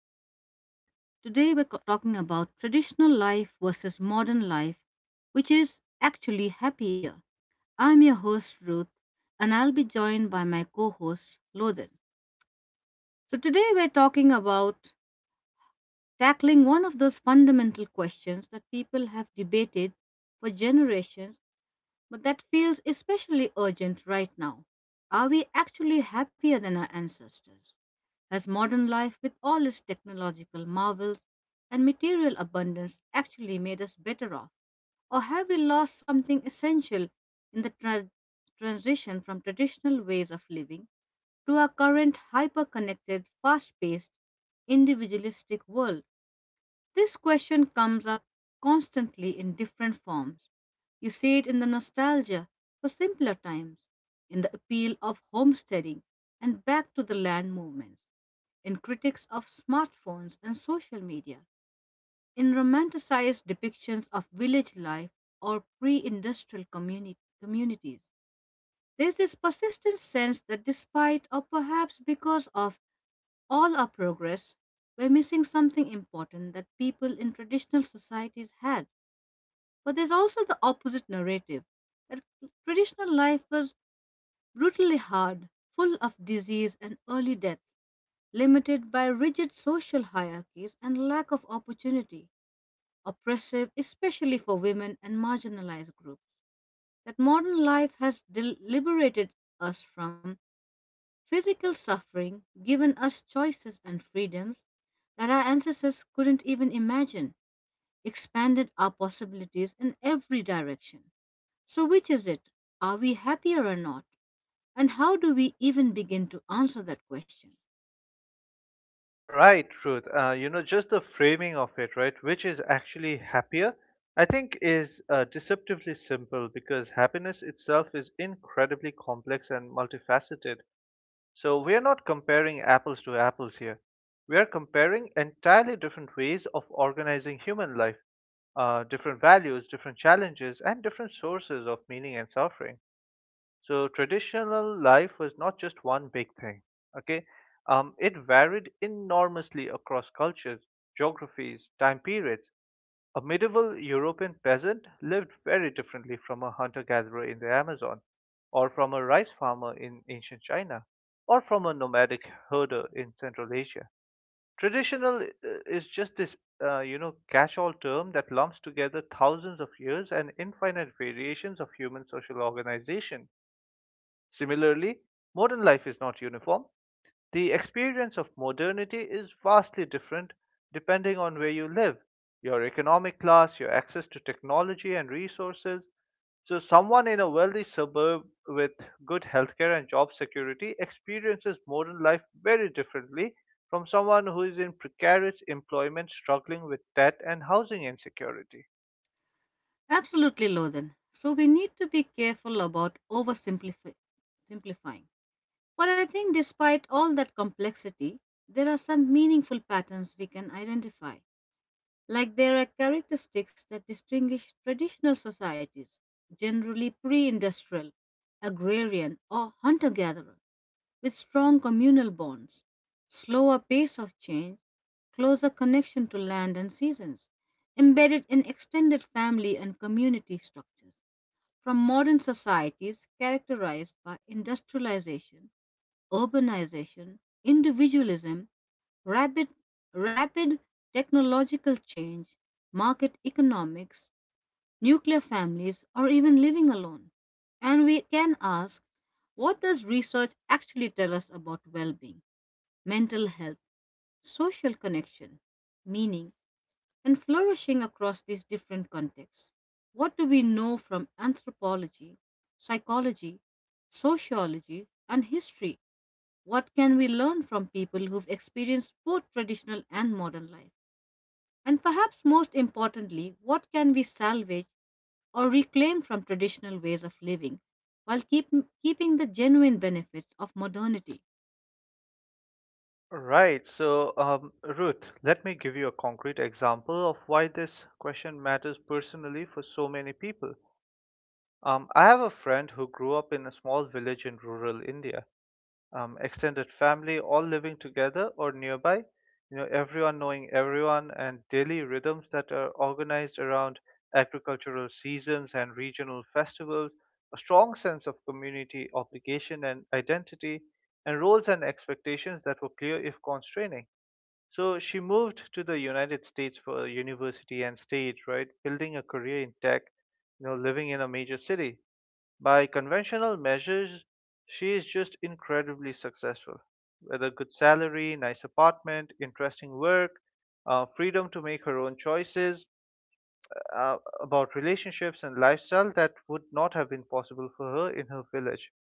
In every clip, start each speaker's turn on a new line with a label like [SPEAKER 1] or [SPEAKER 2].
[SPEAKER 1] back, everyone. Today we're talking about traditional life versus modern life, which is actually happier. I'm your host, Ruth, and I'll be joined by my co host, Lothan. So, today we're talking about tackling one of those fundamental questions that people have debated for generations but that feels especially urgent right now. Are we actually happier than our ancestors? Has modern life, with all its technological marvels and material abundance, actually made us better off? Or have we lost something essential in the transition from traditional ways of living to our current hyper connected, fast paced, individualistic world? This question comes up constantly in different forms. You see it in the nostalgia for simpler times, in the appeal of homesteading and back to the land movements, in critics of smartphones and social media, in romanticized depictions of village life or pre industrial communities. There's this persistent sense that despite or perhaps because of all our progress, we're missing something important that people in traditional societies had. But there's also the opposite narrative that traditional life was brutally hard, full of disease and early death, limited by rigid social hierarchies and lack of opportunity, oppressive, especially for women and marginalized groups. That modern life has liberated us from physical suffering, given us choices and freedoms that our ancestors couldn't even imagine, expanded our possibilities in every direction. So, which is it? Are we happier or not? And how do we even begin to answer that question?
[SPEAKER 2] Right, Ruth. Just the framing of it, right, which is actually happier, I think is deceptively simple because happiness itself is incredibly complex and multifaceted. So we are not comparing apples to apples here. We are comparing entirely different ways of organizing human life, different values, different challenges, and different sources of meaning and suffering. So traditional life was not just one big thing. Okay, it varied enormously across cultures, geographies, time periods. A medieval European peasant lived very differently from a hunter-gatherer in the Amazon, or from a rice farmer in ancient China, or from a nomadic herder in Central Asia. Traditional is just this, catch-all term that lumps together thousands of years and infinite variations of human social organization. Similarly, modern life is not uniform. The experience of modernity is vastly different depending on where you live, your economic class, your access to technology and resources. So, someone in a wealthy suburb with good healthcare and job security experiences modern life very differently from someone who is in precarious employment struggling with debt and housing insecurity.
[SPEAKER 1] Absolutely, Lothan. So, we need to be careful about oversimplifying. Simplifying. But I think, despite all that complexity, there are some meaningful patterns we can identify. Like there are characteristics that distinguish traditional societies, generally pre industrial, agrarian, or hunter gatherer, with strong communal bonds, slower pace of change, closer connection to land and seasons, embedded in extended family and community structures. From modern societies characterized by industrialization, urbanization, individualism, rapid, rapid technological change, market economics, nuclear families, or even living alone. And we can ask, what does research actually tell us about well being, mental health, social connection, meaning, and flourishing across these different contexts? What do we know from anthropology, psychology, sociology, and history? What can we learn from people who've experienced both traditional and modern life? And perhaps most importantly, what can we salvage or reclaim from traditional ways of living while keeping the genuine benefits of modernity?
[SPEAKER 2] Right. So, Ruth, let me give you a concrete example of why this question matters personally for so many people. I have a friend who grew up in a small village in rural India. Extended family all living together or nearby. You know, everyone knowing everyone and daily rhythms that are organized around agricultural seasons and regional festivals. A strong sense of community obligation and identity, and roles and expectations that were clear if constraining. So she moved to the United States for university and stage, right? Building a career in tech, you know, living in a major city. By conventional measures, she is just incredibly successful. With a good salary, nice apartment, interesting work, freedom to make her own choices about relationships and lifestyle that would not have been possible for her in her village.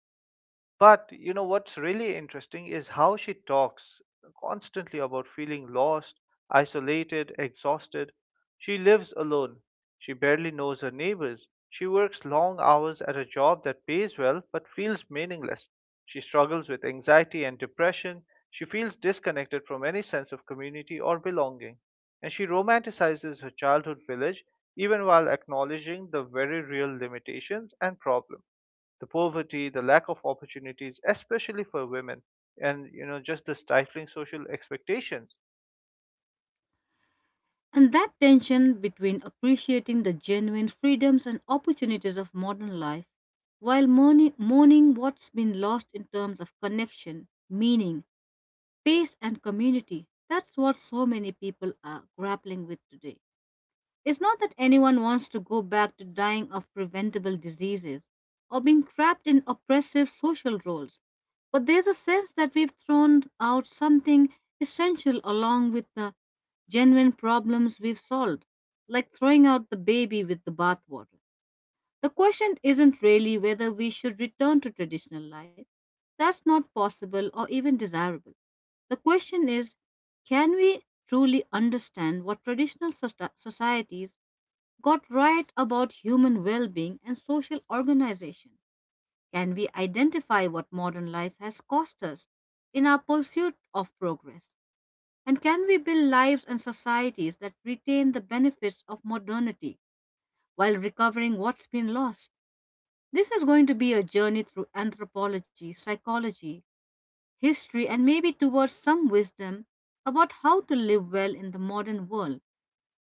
[SPEAKER 2] But you know what's really interesting is how she talks constantly about feeling lost, isolated, exhausted. She lives alone. She barely knows her neighbors. She works long hours at a job that pays well but feels meaningless. She struggles with anxiety and depression. She feels disconnected from any sense of community or belonging. And she romanticizes her childhood village even while acknowledging the very real limitations and problems, the poverty, the lack of opportunities, especially for women, and you know just the stifling social expectations.
[SPEAKER 1] And that tension between appreciating the genuine freedoms and opportunities of modern life while mourning what's been lost in terms of connection, meaning, pace, and community. That's what so many people are grappling with today. It's not that anyone wants to go back to dying of preventable diseases or being trapped in oppressive social roles, but there's a sense that we've thrown out something essential along with the genuine problems we've solved, like throwing out the baby with the bathwater. The question isn't really whether we should return to traditional life. That's not possible or even desirable. The question is, can we truly understand what traditional societies got right about human well being and social organization? Can we identify what modern life has cost us in our pursuit of progress? And can we build lives and societies that retain the benefits of modernity while recovering what's been lost? This is going to be a journey through anthropology, psychology, history, and maybe towards some wisdom about how to live well in the modern world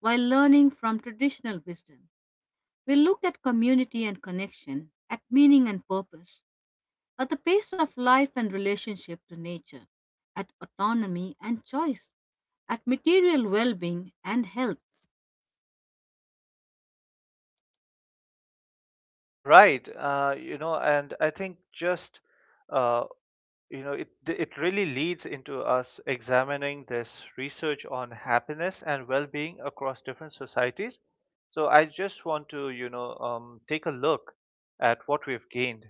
[SPEAKER 1] while learning from traditional wisdom. We look at community and connection, at meaning and purpose, at the pace of life and relationship to nature, at autonomy and choice, at material well being and health.
[SPEAKER 2] Right. And I think just uh, you know it it really leads into us examining this research on happiness and well-being across different societies, so I just want to take a look at what we've gained,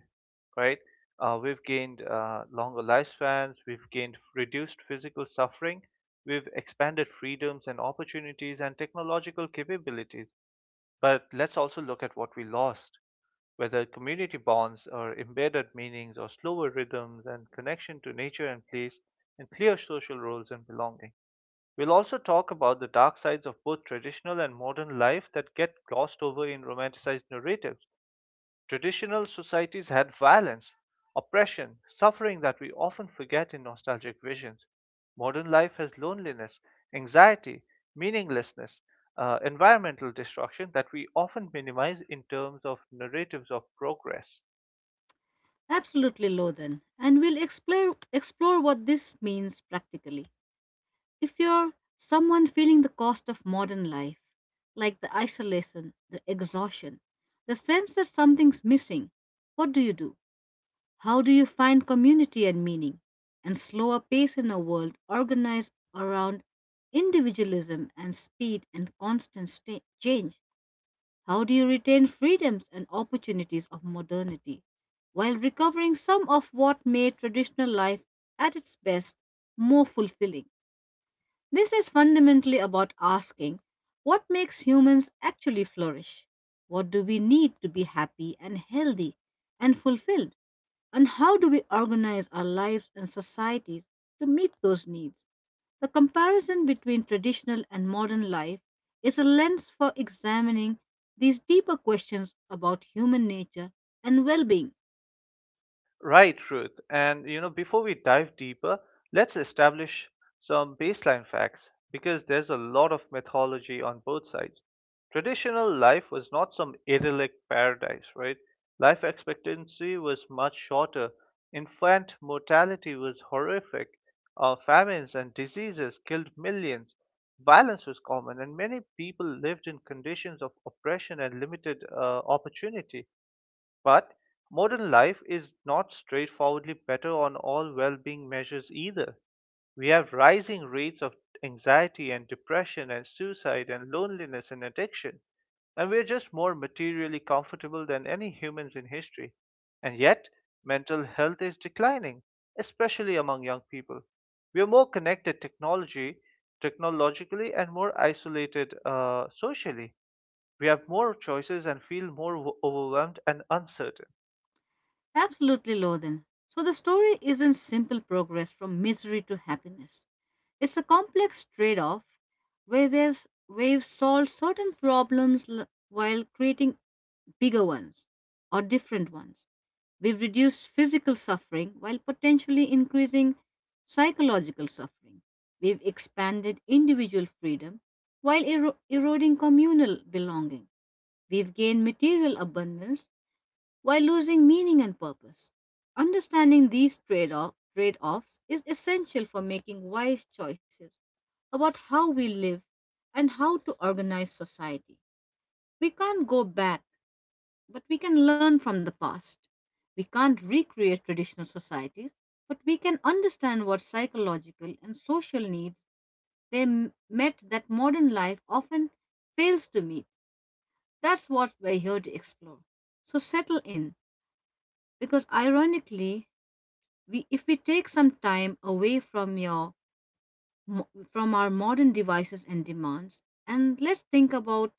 [SPEAKER 2] right. We've gained longer lifespans, we've gained reduced physical suffering, we've expanded freedoms and opportunities and technological capabilities, but let's also look at what we lost, whether community bonds or embedded meanings or slower rhythms and connection to nature and place and clear social roles and belonging. We'll also talk about the dark sides of both traditional and modern life that get glossed over in romanticized narratives. Traditional societies had violence, oppression, suffering that we often forget in nostalgic visions. Modern life has loneliness, anxiety, meaninglessness, environmental destruction that we often minimize in terms of narratives of progress.
[SPEAKER 1] Absolutely, Lothan. And we'll explore what this means practically. If you're someone feeling the cost of modern life, like the isolation, the exhaustion, the sense that something's missing, what do you do? How do you find community and meaning and slower pace in a world organized around individualism and speed and constant change? How do you retain freedoms and opportunities of modernity while recovering some of what made traditional life at its best more fulfilling? This is fundamentally about asking, what makes humans actually flourish? What do we need to be happy and healthy and fulfilled? And how do we organize our lives and societies to meet those needs? The comparison between traditional and modern life is a lens for examining these deeper questions about human nature and well being.
[SPEAKER 2] Right, Ruth. And you know, before we dive deeper, let's establish some baseline facts because there's a lot of mythology on both sides. Traditional life was not some idyllic paradise, right? Life expectancy was much shorter. Infant mortality was horrific. Famines and diseases killed millions. Violence was common, and many people lived in conditions of oppression and limited opportunity, but modern life is not straightforwardly better on all well being measures either. We have rising rates of anxiety and depression and suicide and loneliness and addiction, and we are just more materially comfortable than any humans in history. And yet, mental health is declining, especially among young people. We are more connected technologically and more isolated socially. We have more choices and feel more overwhelmed and uncertain.
[SPEAKER 1] Absolutely, Lothan. So the story isn't simple progress from misery to happiness. It's a complex trade-off where we've solved certain problems while creating bigger ones or different ones. We've reduced physical suffering while potentially increasing psychological suffering. We've expanded individual freedom while eroding communal belonging. We've gained material abundance while losing meaning and purpose. Understanding these trade offs is essential for making wise choices about how we live and how to organize society. We can't go back, but we can learn from the past. We can't recreate traditional societies, but we can understand what psychological and social needs they met that modern life often fails to meet. That's what we're here to explore. So settle in, because ironically, we if we take some time away from your from our modern devices and demands, and let's think about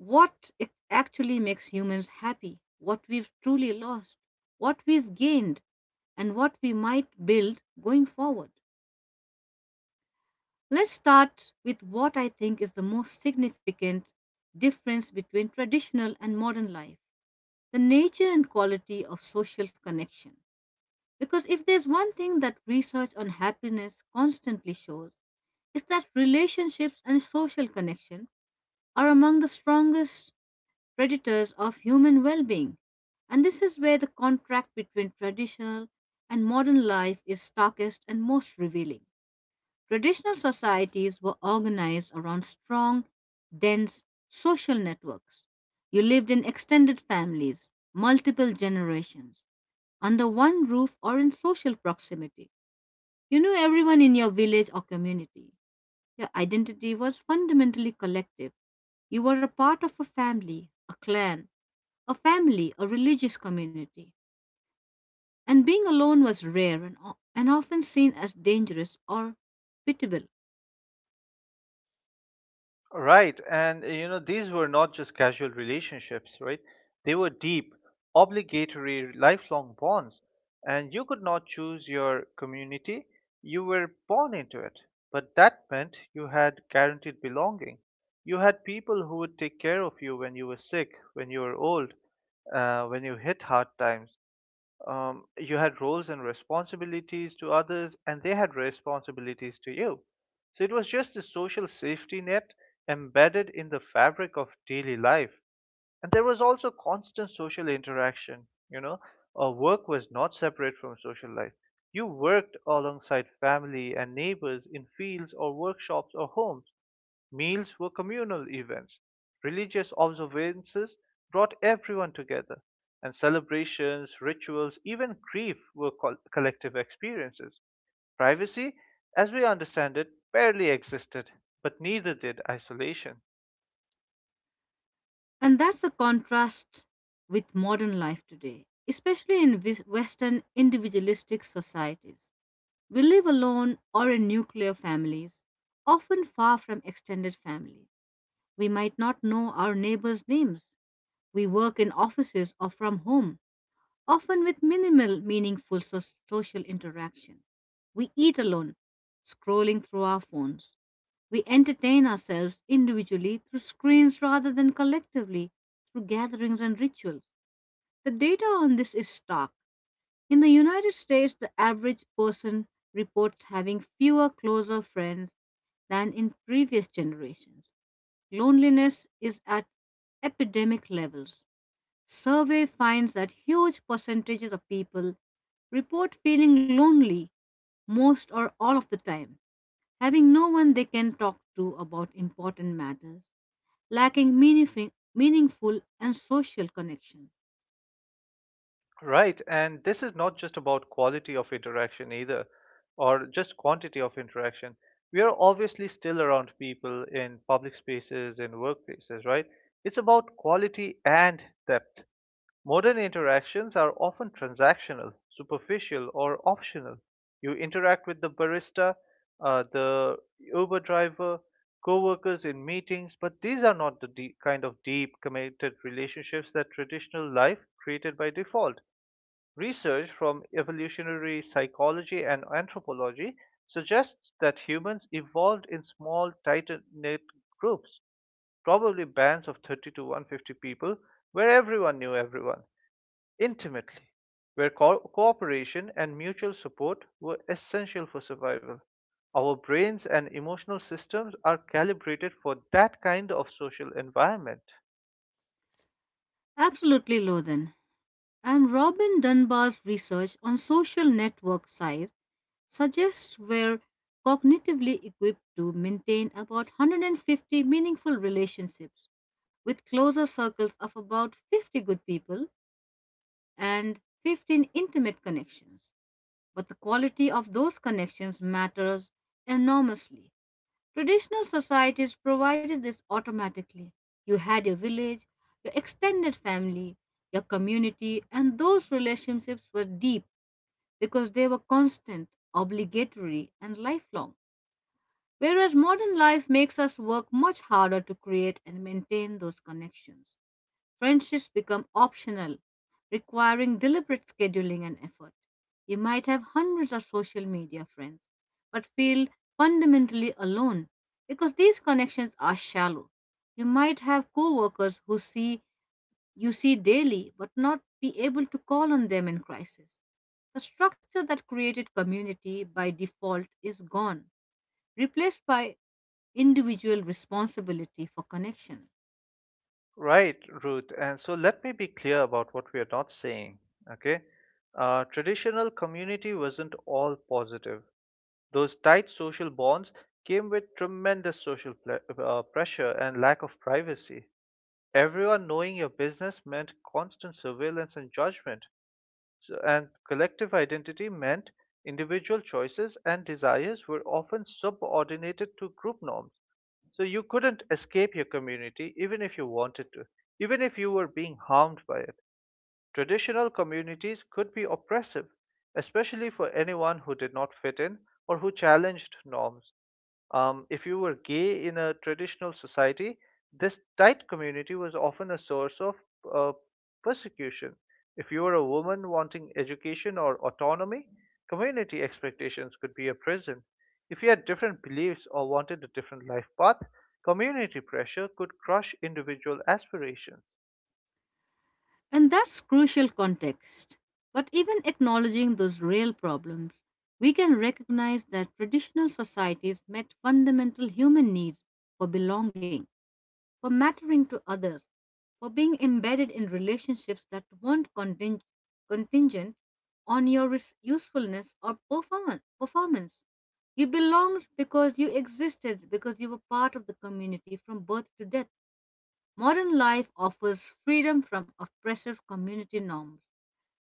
[SPEAKER 1] what actually makes humans happy, what we've truly lost, what we've gained, and what we might build going forward. Let's start with what I think is the most significant difference between traditional and modern life, the nature and quality of social connection. Because if there's one thing that research on happiness constantly shows, is that relationships and social connection are among the strongest predators of human well being. And this is where the contract between traditional and modern life is starkest and most revealing. Traditional societies were organized around strong, dense social networks. You lived in extended families, multiple generations, under one roof or in social proximity. You knew everyone in your village or community. Your identity was fundamentally collective. You were a part of a family, a clan, a family, a religious community. And being alone was rare and, and often seen as dangerous or pitiable.
[SPEAKER 2] Right. And these were not just casual relationships, right? They were deep, obligatory, lifelong bonds. And you could not choose your community, you were born into it. But that meant you had guaranteed belonging. You had people who would take care of you when you were sick, when you were old, when you hit hard times. You had roles and responsibilities to others, and they had responsibilities to you. So it was just a social safety net embedded in the fabric of daily life. And there was also constant social interaction. you know, Work was not separate from social life. You worked alongside family and neighbors in fields or workshops or homes. Meals were communal events. Religious observances brought everyone together, and celebrations, rituals, even grief were collective experiences. Privacy, as we understand it, barely existed, but neither did isolation.
[SPEAKER 1] And that's a contrast with modern life today, especially in Western individualistic societies. We live alone or in nuclear families, often far from extended families. We might not know our neighbors' names. We work in offices or from home, often with minimal meaningful social interaction. We eat alone, scrolling through our phones. We entertain ourselves individually through screens rather than collectively through gatherings and rituals. The data on this is stark. In the United States, the average person reports having fewer closer friends than in previous generations. Loneliness is at epidemic levels. Survey finds that huge percentages of people report feeling lonely most or all of the time, having no one they can talk to about important matters, lacking meaningful and social connections.
[SPEAKER 2] Right, and this is not just about quality of interaction either, or just quantity of interaction. We are obviously still around people in public spaces, in workplaces, right? It's about quality and depth. Modern interactions are often transactional, superficial, or optional. You interact with the barista, the Uber driver, co-workers in meetings, but these are not the deep, committed relationships that traditional life created by default. Research from evolutionary psychology and anthropology suggests that humans evolved in small, tight knit groups, probably bands of 30 to 150 people, where everyone knew everyone intimately, where cooperation and mutual support were essential for survival. Our brains and emotional systems are calibrated for that kind of social environment.
[SPEAKER 1] Absolutely, Lothan. And Robin Dunbar's research on social network size suggests we're cognitively equipped to maintain about 150 meaningful relationships, with closer circles of about 50 good people and 15 intimate connections. But the quality of those connections matters enormously. Traditional societies provided this automatically. You had your village, your extended family, your community, and those relationships were deep because they were constant, obligatory, and lifelong. Whereas modern life makes us work much harder to create and maintain those connections. Friendships become optional, requiring deliberate scheduling and effort. You might have hundreds of social media friends, but feel fundamentally alone because these connections are shallow. You might have coworkers who see you see daily but not be able to call on them in crisis. The structure that created community by default is gone, replaced by individual responsibility for connection.
[SPEAKER 2] Right, Ruth. And so let me be clear about what we are not saying. Okay. Traditional community wasn't all positive. Those tight social bonds came with tremendous social pressure and lack of privacy. Everyone knowing your business meant constant surveillance and judgment. So, and collective identity meant individual choices and desires were often subordinated to group norms. So you couldn't escape your community even if you wanted to, even if you were being harmed by it. Traditional communities could be oppressive, especially for anyone who did not fit in or who challenged norms. If you were gay in a traditional society, this tight community was often a source of uh, persecution. If you were a woman wanting education or autonomy, community expectations could be a prison. If you had different beliefs or wanted a different life path, community pressure could crush individual aspirations.
[SPEAKER 1] And that's crucial context. But even acknowledging those real problems, we can recognize that traditional societies met fundamental human needs for belonging, for mattering to others, for being embedded in relationships that weren't contingent on your usefulness or performance. You belonged because you existed, because you were part of the community from birth to death. Modern life offers freedom from oppressive community norms,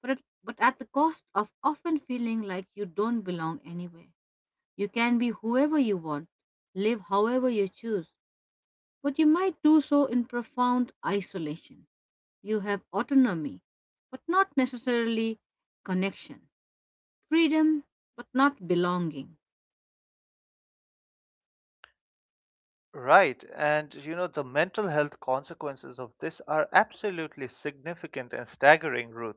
[SPEAKER 1] but at, but at the cost of often feeling like you don't belong anywhere. You can be whoever you want, live however you choose, but you might do so in profound isolation. You have autonomy, but not necessarily connection, freedom, but not belonging.
[SPEAKER 2] Right, and you know, the mental health consequences of this are absolutely significant and staggering, Ruth.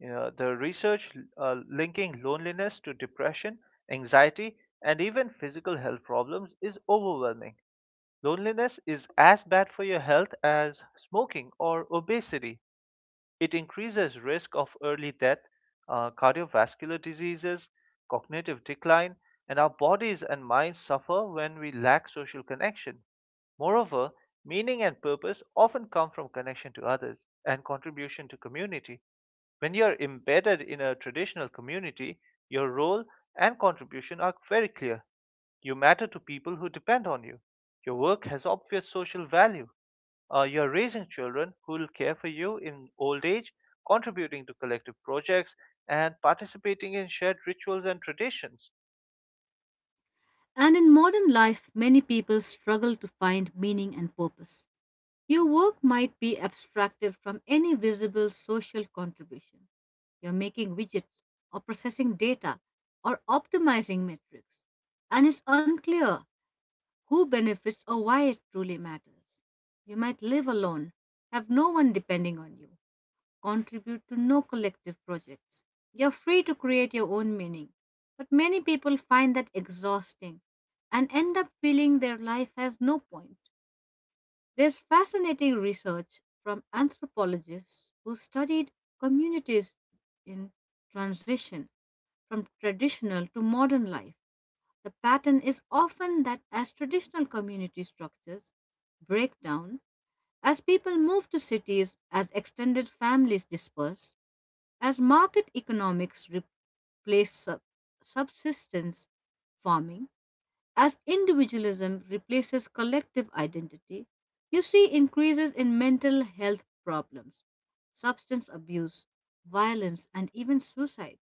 [SPEAKER 2] You know, the research linking loneliness to depression, anxiety, and even physical health problems is overwhelming. Loneliness is as bad for your health as smoking or obesity. It increases risk of early death, cardiovascular diseases, cognitive decline, and our bodies and minds suffer when we lack social connection. Moreover, meaning and purpose often come from connection to others and contribution to community. When you are embedded in a traditional community, your role and contribution are very clear. You matter to people who depend on you. Your work has obvious social value. You're raising children who will care for you in old age, contributing to collective projects, and participating in shared rituals and traditions.
[SPEAKER 1] And in modern life, many people struggle to find meaning and purpose. Your work might be abstracted from any visible social contribution. You're making widgets or processing data or optimizing metrics, and it's unclear who benefits or why it truly matters. You might live alone, have no one depending on you, contribute to no collective projects. You're free to create your own meaning, but many people find that exhausting and end up feeling their life has no point. There's fascinating research from anthropologists who studied communities in transition from traditional to modern life. The pattern is often that as traditional community structures break down, as people move to cities, as extended families disperse, as market economics replace subsistence farming, as individualism replaces collective identity, you see increases in mental health problems, substance abuse, violence, and even suicide.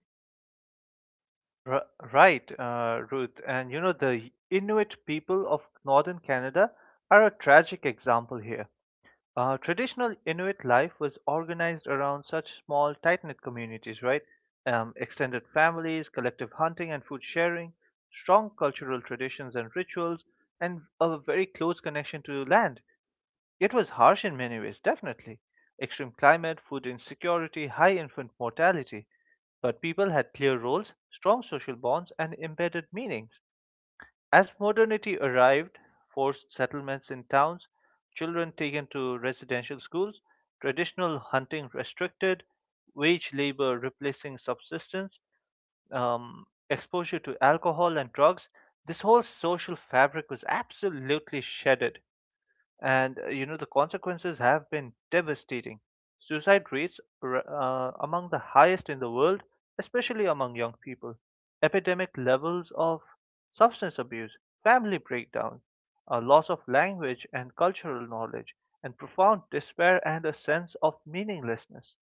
[SPEAKER 2] R- right, Ruth. And you know, the Inuit people of northern Canada are a tragic example here. Traditional Inuit life was organized around such small, tight knit communities, right? Extended families, collective hunting and food sharing, strong cultural traditions and rituals, and a very close connection to land. It was harsh in many ways, definitely. Extreme climate, food insecurity, high infant mortality. But people had clear roles, strong social bonds, and embedded meanings. As modernity arrived, forced settlements in towns, children taken to residential schools, traditional hunting restricted, wage labor replacing subsistence, exposure to alcohol and drugs, this whole social fabric was absolutely shedded, and you know the consequences have been devastating. Suicide rates are among the highest in the world, especially among young people. Epidemic levels of substance abuse, family breakdown, a loss of language and cultural knowledge, and profound despair and a sense of meaninglessness.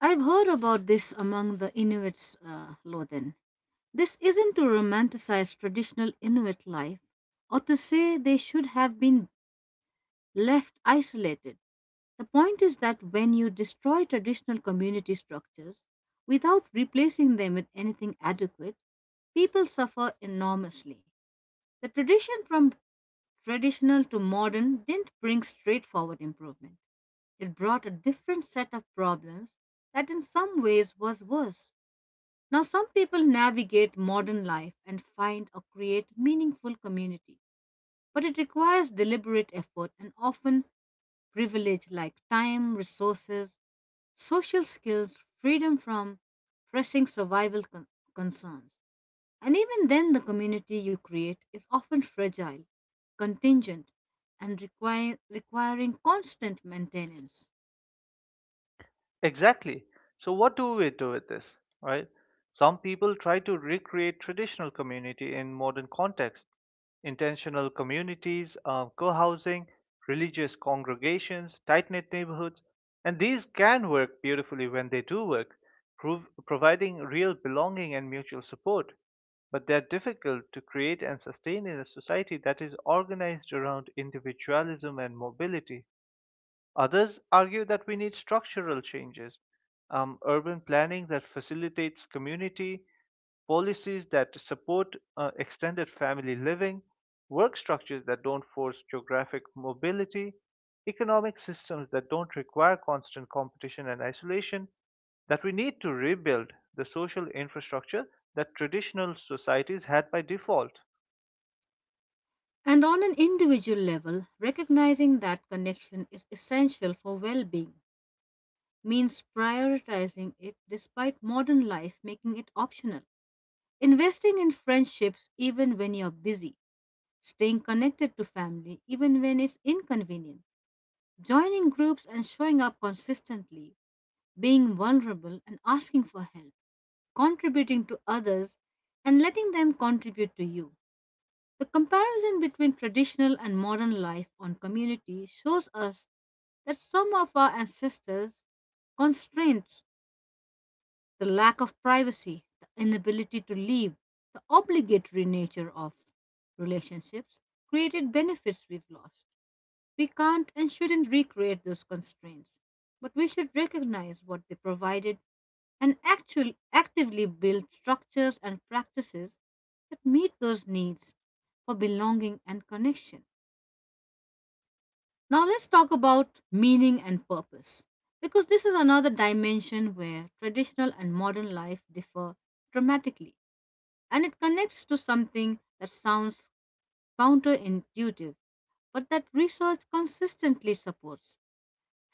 [SPEAKER 1] I've heard about this among the Inuits, Lothan. This isn't to romanticize traditional Inuit life or to say they should have been left isolated. The point is that when you destroy traditional community structures without replacing them with anything adequate, people suffer enormously. The tradition from traditional to modern didn't bring straightforward improvement. It brought a different set of problems that in some ways was worse. Now, some people navigate modern life and find or create meaningful community, but it requires deliberate effort and often privilege like time, resources, social skills, freedom from pressing concerns. And even then, the community you create is often fragile, contingent, and requiring constant maintenance.
[SPEAKER 2] Exactly. So what do we do with this, right? Some people try to recreate traditional community in modern context. Intentional communities, co-housing, religious congregations, tight-knit neighborhoods, and these can work beautifully when they do work, providing real belonging and mutual support. But they're difficult to create and sustain in a society that is organized around individualism and mobility. Others argue that we need structural changes, urban planning that facilitates community, policies that support extended family living, work structures that don't force geographic mobility, economic systems that don't require constant competition and isolation, that we need to rebuild the social infrastructure that traditional societies had by default.
[SPEAKER 1] And on an individual level, recognizing that connection is essential for well being means prioritizing it despite modern life making it optional. Investing in friendships even when you're busy, staying connected to family even when it's inconvenient, joining groups and showing up consistently, being vulnerable and asking for help, contributing to others and letting them contribute to you. The comparison between traditional and modern life on community shows us that some of our ancestors' constraints, the lack of privacy, the inability to leave, the obligatory nature of relationships, created benefits we've lost. We can't and shouldn't recreate those constraints, but we should recognize what they provided and actively build structures and practices that meet those needs for belonging and connection. Now, let's talk about meaning and purpose, because this is another dimension where traditional and modern life differ dramatically, and it connects to something that sounds counterintuitive, but that research consistently supports.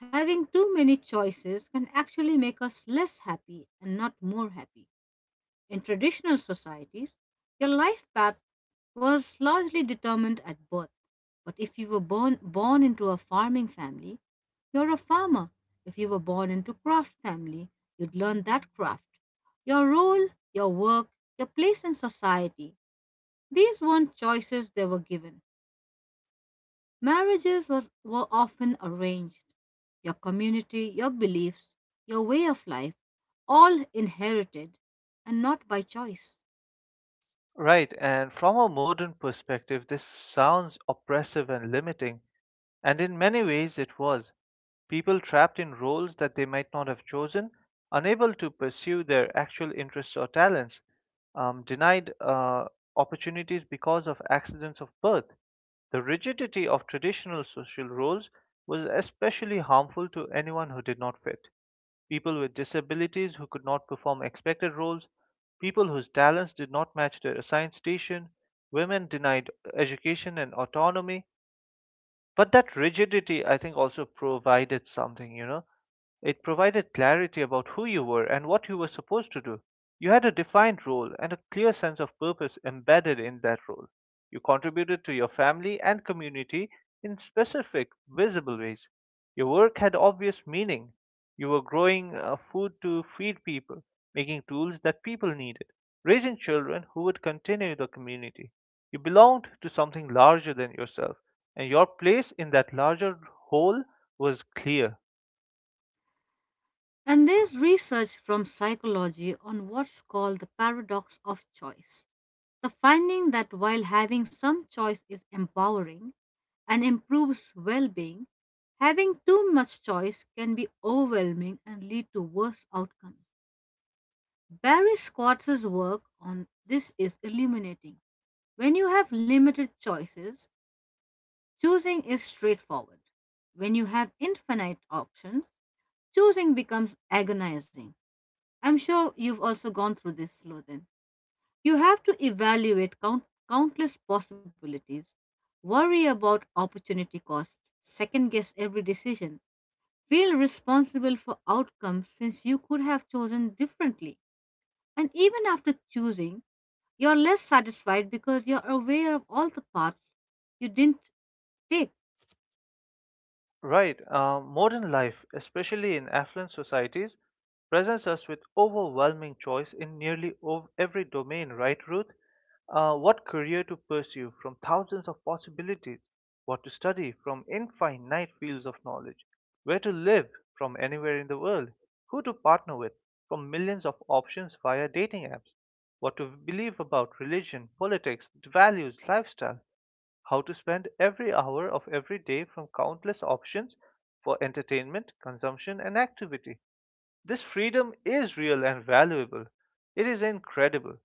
[SPEAKER 1] Having too many choices can actually make us less happy and not more happy. In traditional societies, your life path was largely determined at birth. But if you born into a farming family, you're a farmer. If you were born into craft family, you'd learn that craft. Your role, your work, your place in society, these weren't choices, they were given. Were often arranged. Your community, your beliefs, your way of life, all inherited and not by choice.
[SPEAKER 2] Right, and from a modern perspective, this sounds oppressive and limiting. And in many ways it was. People trapped in roles that they might not have chosen, unable to pursue their actual interests or talents, denied opportunities because of accidents of birth. The rigidity of traditional social roles was especially harmful to anyone who did not fit. People with disabilities who could not perform expected roles, people whose talents did not match their assigned station, women denied education and autonomy, but that rigidity, I think, also provided something. It provided clarity about who you were and what you were supposed to do. You had a defined role and a clear sense of purpose embedded in that role. You contributed to your family and community in specific, visible ways. Your work had obvious meaning. You were growing food to feed people, making tools that people needed, raising children who would continue the community. You belonged to something larger than yourself, and your place in that larger whole was clear.
[SPEAKER 1] And there's research from psychology on what's called the paradox of choice. The finding that while having some choice is empowering and improves well being, having too much choice can be overwhelming and lead to worse outcomes. Barry Scott's work on this is illuminating. When you have limited choices, choosing is straightforward. When you have infinite options, choosing becomes agonizing. I'm sure you've also gone through this, Slothin. You have to evaluate countless possibilities, worry about opportunity costs, second guess every decision, feel responsible for outcomes since you could have chosen differently. And even after choosing, you're less satisfied because you're aware of all the paths you didn't take.
[SPEAKER 2] Right. Modern life, especially in affluent societies, presents us with overwhelming choice in nearly every domain, right, Ruth? What career to pursue from thousands of possibilities, what to study from infinite fields of knowledge, where to live from anywhere in the world, who to partner with from millions of options via dating apps, what to believe about religion, politics, values, lifestyle, how to spend every hour of every day from countless options for entertainment, consumption, and activity. This freedom is real and valuable. It is incredible,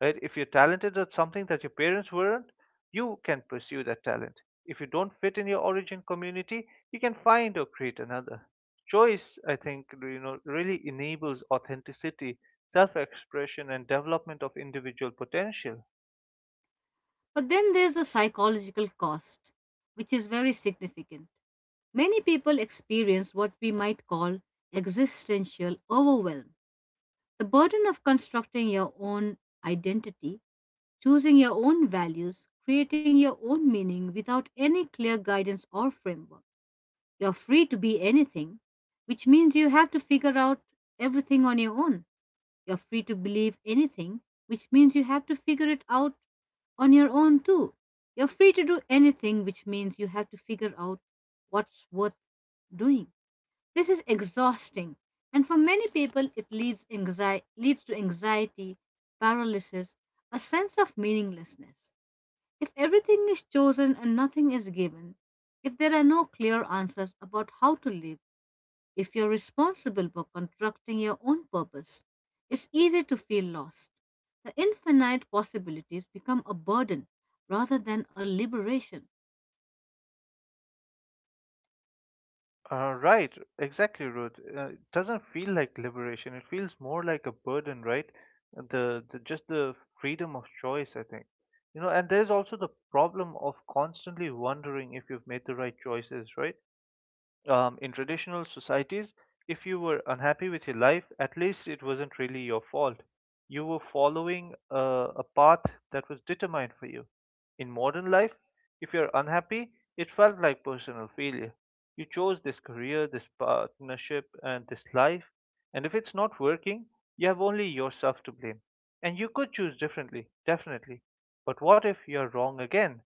[SPEAKER 2] right? If you're talented at something that your parents weren't, you can pursue that talent. If you don't fit in your origin community, you can find or create another. Choice, I think, you know, really enables authenticity, self expression, and development of individual potential.
[SPEAKER 1] But then there's a psychological cost, which is very significant. Many people experience what we might call existential overwhelm. The burden of constructing your own identity, choosing your own values, creating your own meaning without any clear guidance or framework. You're free to be anything, which means you have to figure out everything on your own. You're free to believe anything, which means you have to figure it out on your own too. You're free to do anything, which means you have to figure out what's worth doing. This is exhausting, and for many people, it leads to anxiety, paralysis, a sense of meaninglessness. If everything is chosen and nothing is given, if there are no clear answers about how to live, if you're responsible for constructing your own purpose, it's easy to feel lost. The infinite possibilities become a burden rather than a liberation.
[SPEAKER 2] Right, exactly, Ruth. It doesn't feel like liberation. It feels more like a burden, right? The Just the freedom of choice, I think. You know, and there's also the problem of constantly wondering if you've made the right choices, right? In traditional societies, if you were unhappy with your life, at least it wasn't really your fault. You were following a path that was determined for you. In modern life, if you're unhappy, it felt like personal failure. You chose this career, this partnership, and this life, and if it's not working, you have only yourself to blame. And you could choose differently, definitely. But what if you're wrong again?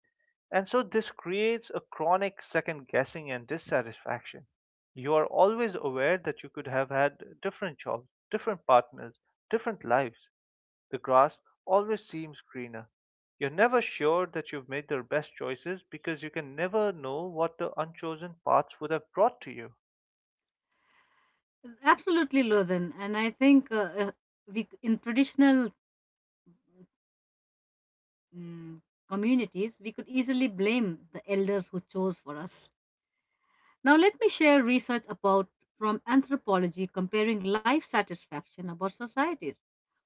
[SPEAKER 2] And so this creates a chronic second guessing and dissatisfaction. You are always aware that you could have had different jobs, different partners, different lives. The grass always seems greener. You're never sure that you've made the best choices because you can never know what the unchosen paths would have brought to you.
[SPEAKER 1] Absolutely, Lothan. And I think uh, we, in mm, communities, we could easily blame the elders who chose for us. Now, let me share research about from anthropology comparing life satisfaction about societies.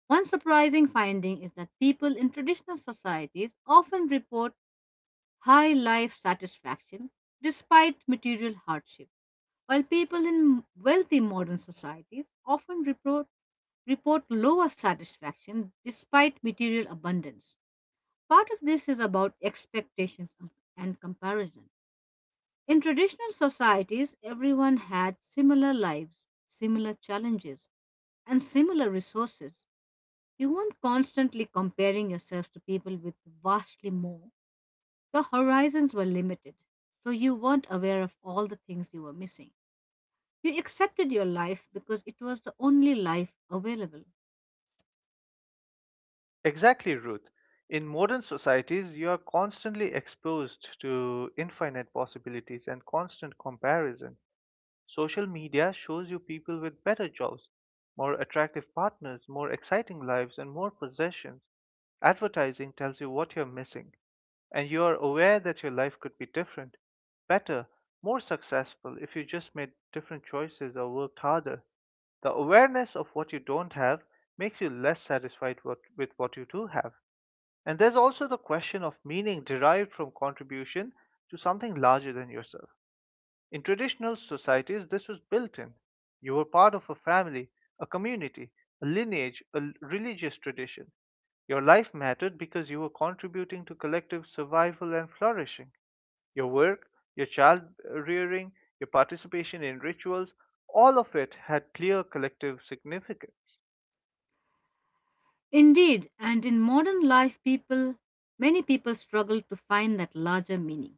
[SPEAKER 1] One surprising finding is that people in traditional societies often report high life satisfaction despite material hardship, while people in wealthy modern societies often report lower satisfaction despite material abundance. Part of this is about expectations and comparison. In traditional societies, everyone had similar lives, similar challenges, and similar resources. You weren't constantly comparing yourself to people with vastly more. Your horizons were limited, so you weren't aware of all the things you were missing. You accepted your life because it was the only life available.
[SPEAKER 2] Exactly, Ruth. In modern societies, you are constantly exposed to infinite possibilities and constant comparison. Social media shows you people with better jobs, more attractive partners, more exciting lives, and more possessions. Advertising tells you what you're missing, and you are aware that your life could be different, better, more successful if you just made different choices or worked harder. The awareness of what you don't have makes you less satisfied what, with what you do have. And there's also the question of meaning derived from contribution to something larger than yourself. In traditional societies, this was built in. You were part of a family, a community, a lineage, a religious tradition. Your life mattered because you were contributing to collective survival and flourishing. Your work, your child rearing, your participation in rituals, all of it had clear collective significance.
[SPEAKER 1] Indeed, and in modern life, many people struggle to find that larger meaning.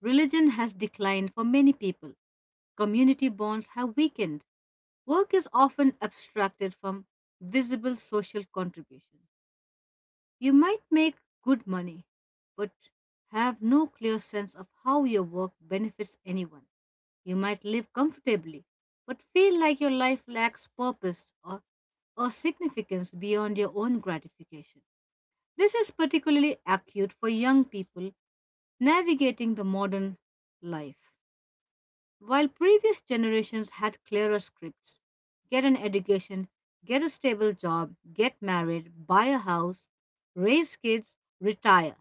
[SPEAKER 1] Religion has declined for many people. Community bonds have weakened. Work is often abstracted from visible social contribution. You might make good money, but have no clear sense of how your work benefits anyone. You might live comfortably, but feel like your life lacks or significance beyond your own gratification. This is particularly acute for young people navigating the modern life. While previous generations had clearer scripts, get an education, get a stable job, get married, buy a house, raise kids, retire.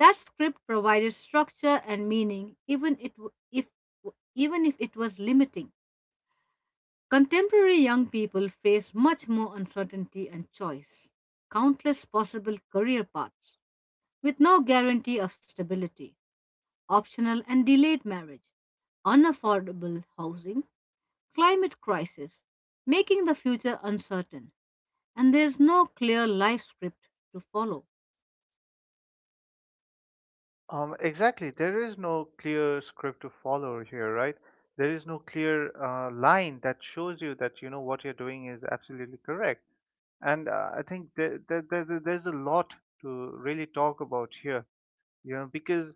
[SPEAKER 1] That script provided structure and meaning, even if it was limiting. Contemporary young people face much more uncertainty and choice, countless possible career paths with no guarantee of stability, optional and delayed marriage, unaffordable housing, climate crisis, making the future uncertain, and there's no clear life script to follow.
[SPEAKER 2] Exactly. There is no clear script to follow here, right? There is no clear line that shows you that you know what you're doing is absolutely correct, and I think there's a lot to really talk about here, you know, because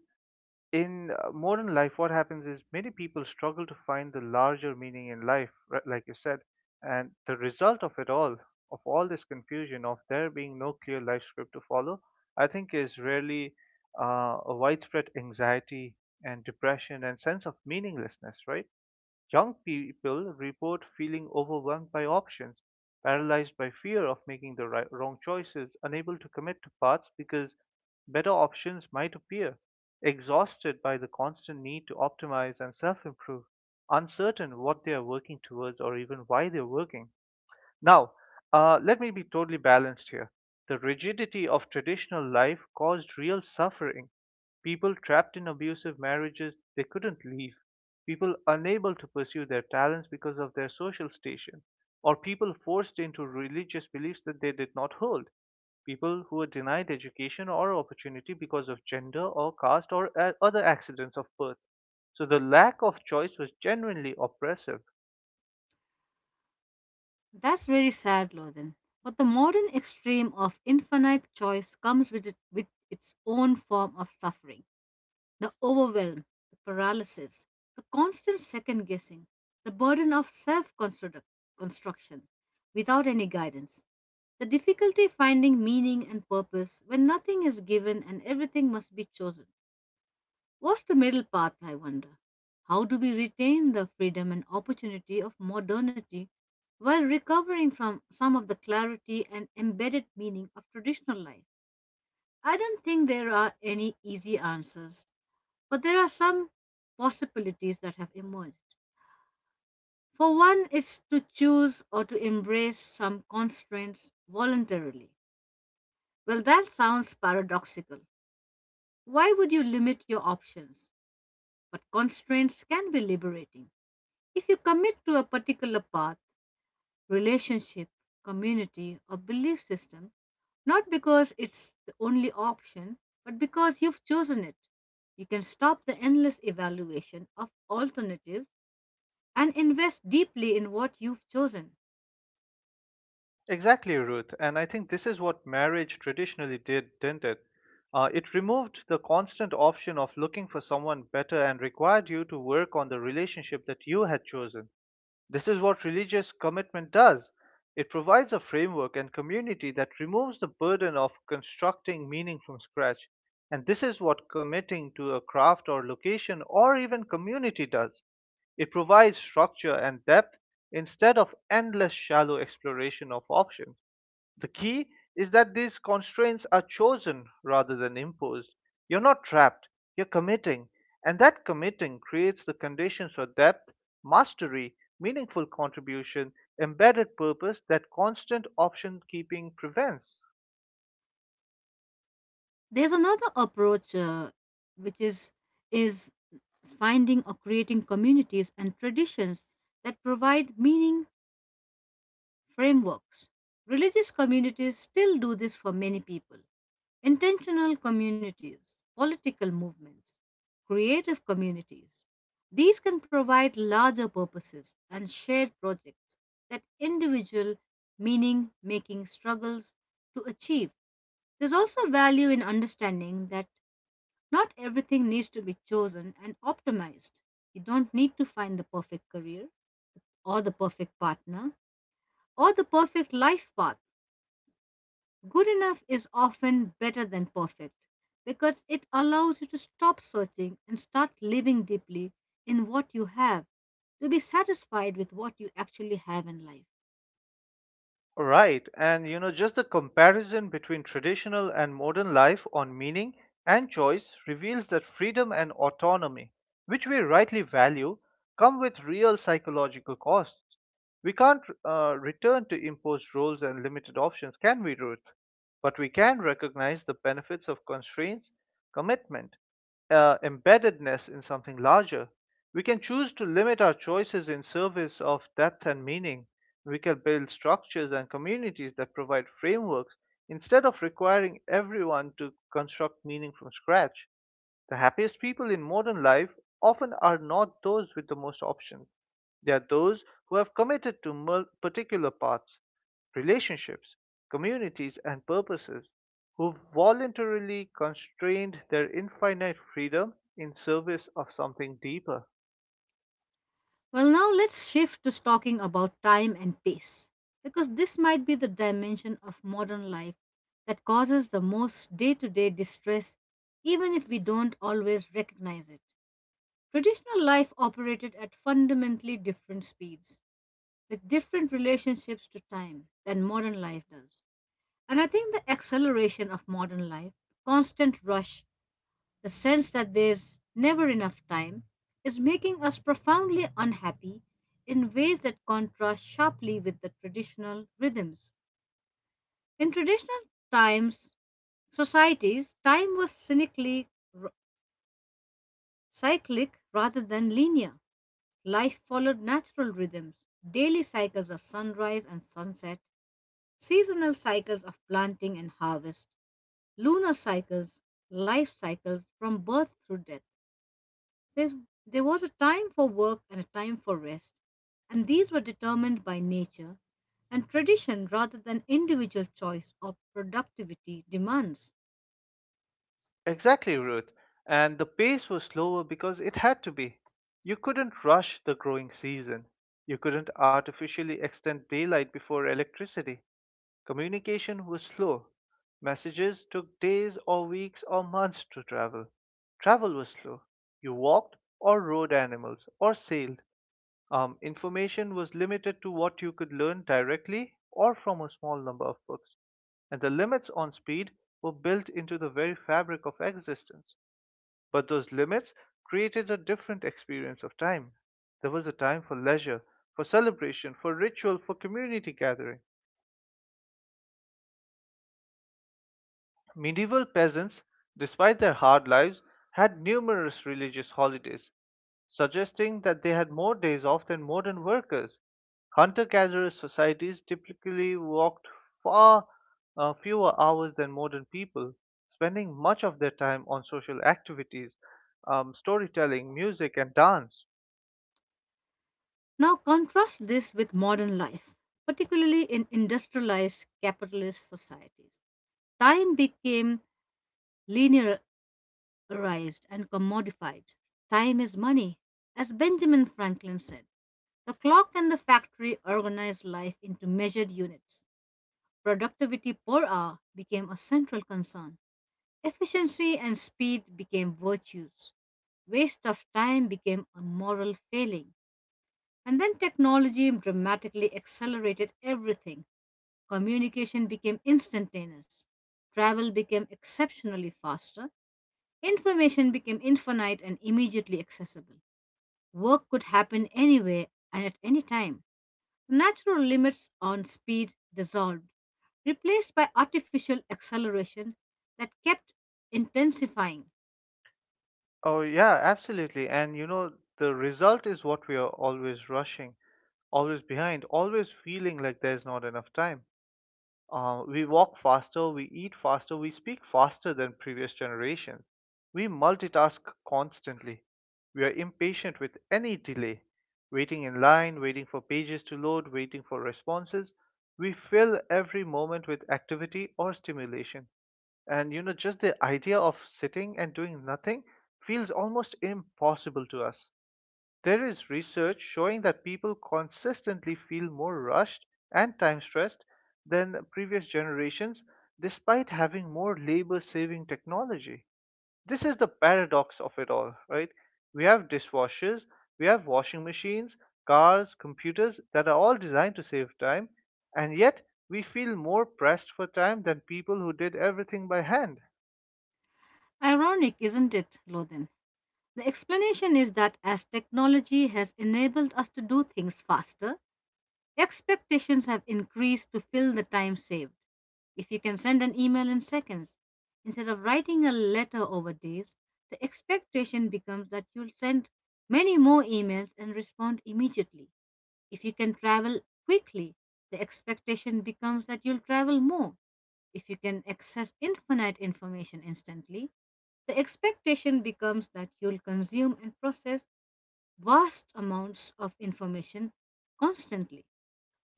[SPEAKER 2] in modern life, what happens is many people struggle to find the larger meaning in life, like you said, and the result of it all, of all this confusion, of there being no clear life script to follow, I think is really a widespread anxiety and depression and sense of meaninglessness, right? Young people report feeling overwhelmed by options, paralyzed by fear of making the right, wrong choices, unable to commit to paths because better options might appear, exhausted by the constant need to optimize and self improve, uncertain what they are working towards or even why they're working. Now, let me be totally balanced here. The rigidity of traditional life caused real suffering. People trapped in abusive marriages they couldn't leave. People unable to pursue their talents because of their social station. Or people forced into religious beliefs that they did not hold. People who were denied education or opportunity because of gender or caste or other accidents of birth. So the lack of choice was genuinely oppressive.
[SPEAKER 1] That's very sad, Lothan. But the modern extreme of infinite choice comes with its own form of suffering. The overwhelm, the paralysis, the constant second guessing, the burden of self construction without any guidance, the difficulty finding meaning and purpose when nothing is given and everything must be chosen. What's the middle path, I wonder? How do we retain the freedom and opportunity of modernity while recovering from some of the clarity and embedded meaning of traditional life? I don't think there are any easy answers, but there are some possibilities that have emerged. For one, is to choose or to embrace some constraints voluntarily. Well, that sounds paradoxical. Why would you limit your options? But constraints can be liberating. If you commit to a particular path, relationship, community, or belief system, not because it's the only option, but because you've chosen it. You can stop the endless evaluation of alternatives and invest deeply in what you've chosen.
[SPEAKER 2] Exactly, Ruth. And I think this is what marriage traditionally did, didn't it? It removed the constant option of looking for someone better and required you to work on the relationship that you had chosen. This is what religious commitment does. It provides a framework and community that removes the burden of constructing meaning from scratch. And this is what committing to a craft or location or even community does. It provides structure and depth instead of endless shallow exploration of options. The key is that these constraints are chosen rather than imposed. You're not trapped, you're committing, and that committing creates the conditions for depth, mastery, meaningful contribution, embedded purpose that constant option keeping prevents.
[SPEAKER 1] There's another approach which is finding or creating communities and traditions that provide meaning frameworks. Religious communities still do this for many people. Intentional communities, political movements, creative communities. These can provide larger purposes and shared projects that individual meaning making struggles to achieve. There's also value in understanding that not everything needs to be chosen and optimized. You don't need to find the perfect career or the perfect partner or the perfect life path. Good enough is often better than perfect because it allows you to stop searching and start living deeply in what you have, to be satisfied with what you actually have in life.
[SPEAKER 2] Right, and you know, just the comparison between traditional and modern life on meaning and choice reveals that freedom and autonomy, which we rightly value, come with real psychological costs. We can't return to imposed roles and limited options, can we, Ruth? But we can recognize the benefits of constraints, commitment, embeddedness in something larger. We can choose to limit our choices in service of depth and meaning. We can build structures and communities that provide frameworks instead of requiring everyone to construct meaning from scratch. The happiest people in modern life often are not those with the most options. They are those who have committed to particular paths, relationships, communities, and purposes, who voluntarily constrained their infinite freedom in service of something deeper.
[SPEAKER 1] Well, now let's shift to talking about time and pace, because this might be the dimension of modern life that causes the most day to day distress, even if we don't always recognize it. Traditional life operated at fundamentally different speeds with different relationships to time than modern life does. And I think the acceleration of modern life, constant rush, the sense that there's never enough time, is making us profoundly unhappy in ways that contrast sharply with the traditional rhythms. In societies, time was r- cyclic rather than linear. Life followed natural rhythms, daily cycles of sunrise and sunset, seasonal cycles of planting and harvest, lunar cycles, life cycles from birth through death. There's, there was a time for work and a time for rest, and these were determined by nature and tradition rather than individual choice or productivity demands.
[SPEAKER 2] Exactly, Ruth. And the pace was slower because it had to be. You couldn't rush the growing season. You couldn't artificially extend daylight before electricity. Communication was slow. Messages took days or weeks or months to travel. Travel was slow. You walked or rode animals or sailed. Information was limited to what you could learn directly or from a small number of books, and the limits on speed were built into the very fabric of existence. But those limits created a different experience of time. There was a time for leisure, for celebration, for ritual, for community gathering. Medieval peasants, despite their hard lives, had numerous religious holidays, suggesting that they had more days off than modern workers. Hunter gatherer societies typically worked far fewer hours than modern people, spending much of their time on social activities, storytelling, music, and dance.
[SPEAKER 1] Now, contrast this with modern life, particularly in industrialized capitalist societies. Time became linear, raised and commodified. Time is money. As Benjamin Franklin said, the clock and the factory organized life into measured units. Productivity per hour became a central concern. Efficiency and speed became virtues. Waste of time became a moral failing. And then technology dramatically accelerated everything. Communication became instantaneous. Travel became exceptionally faster. Information became infinite and immediately accessible. Work could happen anywhere and at any time. Natural limits on speed dissolved, replaced by artificial acceleration that kept intensifying.
[SPEAKER 2] Oh, yeah, absolutely. And you know, the result is what we are always rushing, always behind, always feeling like there's not enough time. We walk faster, we eat faster, we speak faster than previous generations. We multitask constantly. We are impatient with any delay, waiting in line, waiting for pages to load, waiting for responses. We fill every moment with activity or stimulation. And you know, just the idea of sitting and doing nothing feels almost impossible to us. There is research showing that people consistently feel more rushed and time stressed than previous generations despite having more labor saving technology. This is the paradox of it all, right? We have dishwashers, we have washing machines, cars, computers that are all designed to save time, and yet we feel more pressed for time than people who did everything by hand.
[SPEAKER 1] Ironic, isn't it, Lothan? The explanation is that as technology has enabled us to do things faster, expectations have increased to fill the time saved. If you can send an email in seconds instead of writing a letter over days, the expectation becomes that you'll send many more emails and respond immediately. If you can travel quickly, the expectation becomes that you'll travel more. If you can access infinite information instantly, the expectation becomes that you'll consume and process vast amounts of information constantly.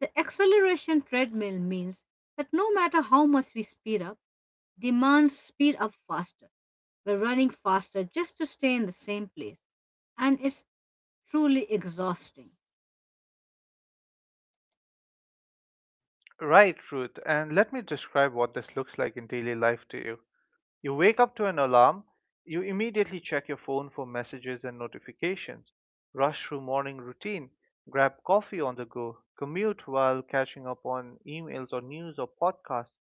[SPEAKER 1] The acceleration treadmill means that no matter how much we speed up, demands speed up faster. We're running faster just to stay in the same place. And it's truly exhausting.
[SPEAKER 2] Right, Ruth, and let me describe what this looks like in daily life to you. You wake up to an alarm. You immediately check your phone for messages and notifications, rush through morning routine, grab coffee on the go, commute while catching up on emails or news or podcasts,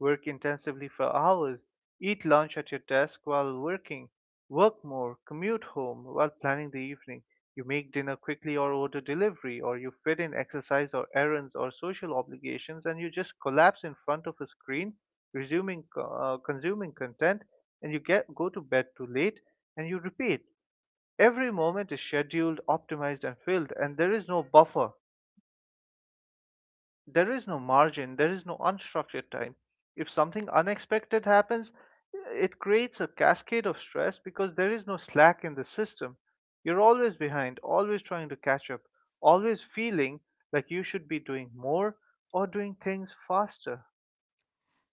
[SPEAKER 2] work intensively for hours, eat lunch at your desk while working, work more, commute home while planning the evening. You make dinner quickly or order delivery, or you fit in exercise or errands or social obligations, and you just collapse in front of a screen, resuming, consuming content, and you get go to bed too late, and you repeat. Every moment is scheduled, optimized, and filled, and there is no buffer. There is no margin, there is no unstructured time. If something unexpected happens, it creates a cascade of stress because there is no slack in the system. You're always behind, always trying to catch up, always feeling like you should be doing more or doing things faster.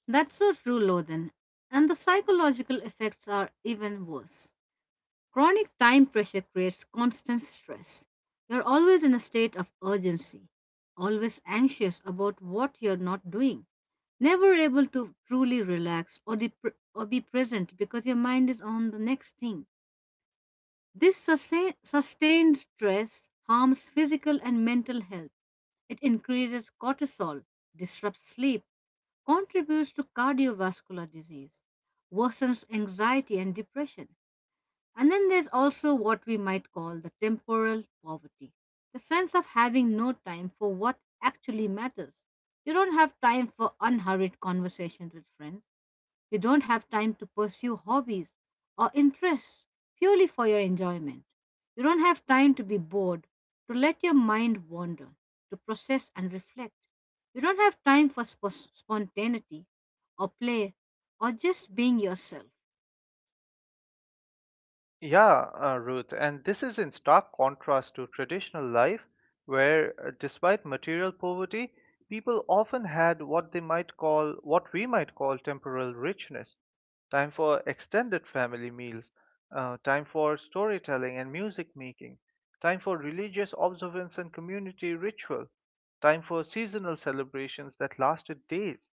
[SPEAKER 1] That's so true, Lothan. And the psychological effects are even worse. Chronic time pressure creates constant stress. You're always in a state of urgency, always anxious about what you're not doing, never able to truly relax or be present because your mind is on the next thing. This sustained stress harms physical and mental health. It increases cortisol, disrupts sleep, contributes to cardiovascular disease, worsens anxiety and depression, and then there's also what we might call the temporal poverty, the sense of having no time for what actually matters. You don't have time for unhurried conversations with friends, you don't have time to pursue hobbies or interests purely for your enjoyment. You don't have time to be bored, to let your mind wander, to process and reflect. You don't have time for spontaneity or play or just being yourself.
[SPEAKER 2] Yeah, Ruth, and this is in stark contrast to traditional life, where despite material poverty, people often had what we might call temporal richness. Time for extended family meals, time for storytelling and music making, time for religious observance and community ritual, time for seasonal celebrations that lasted days,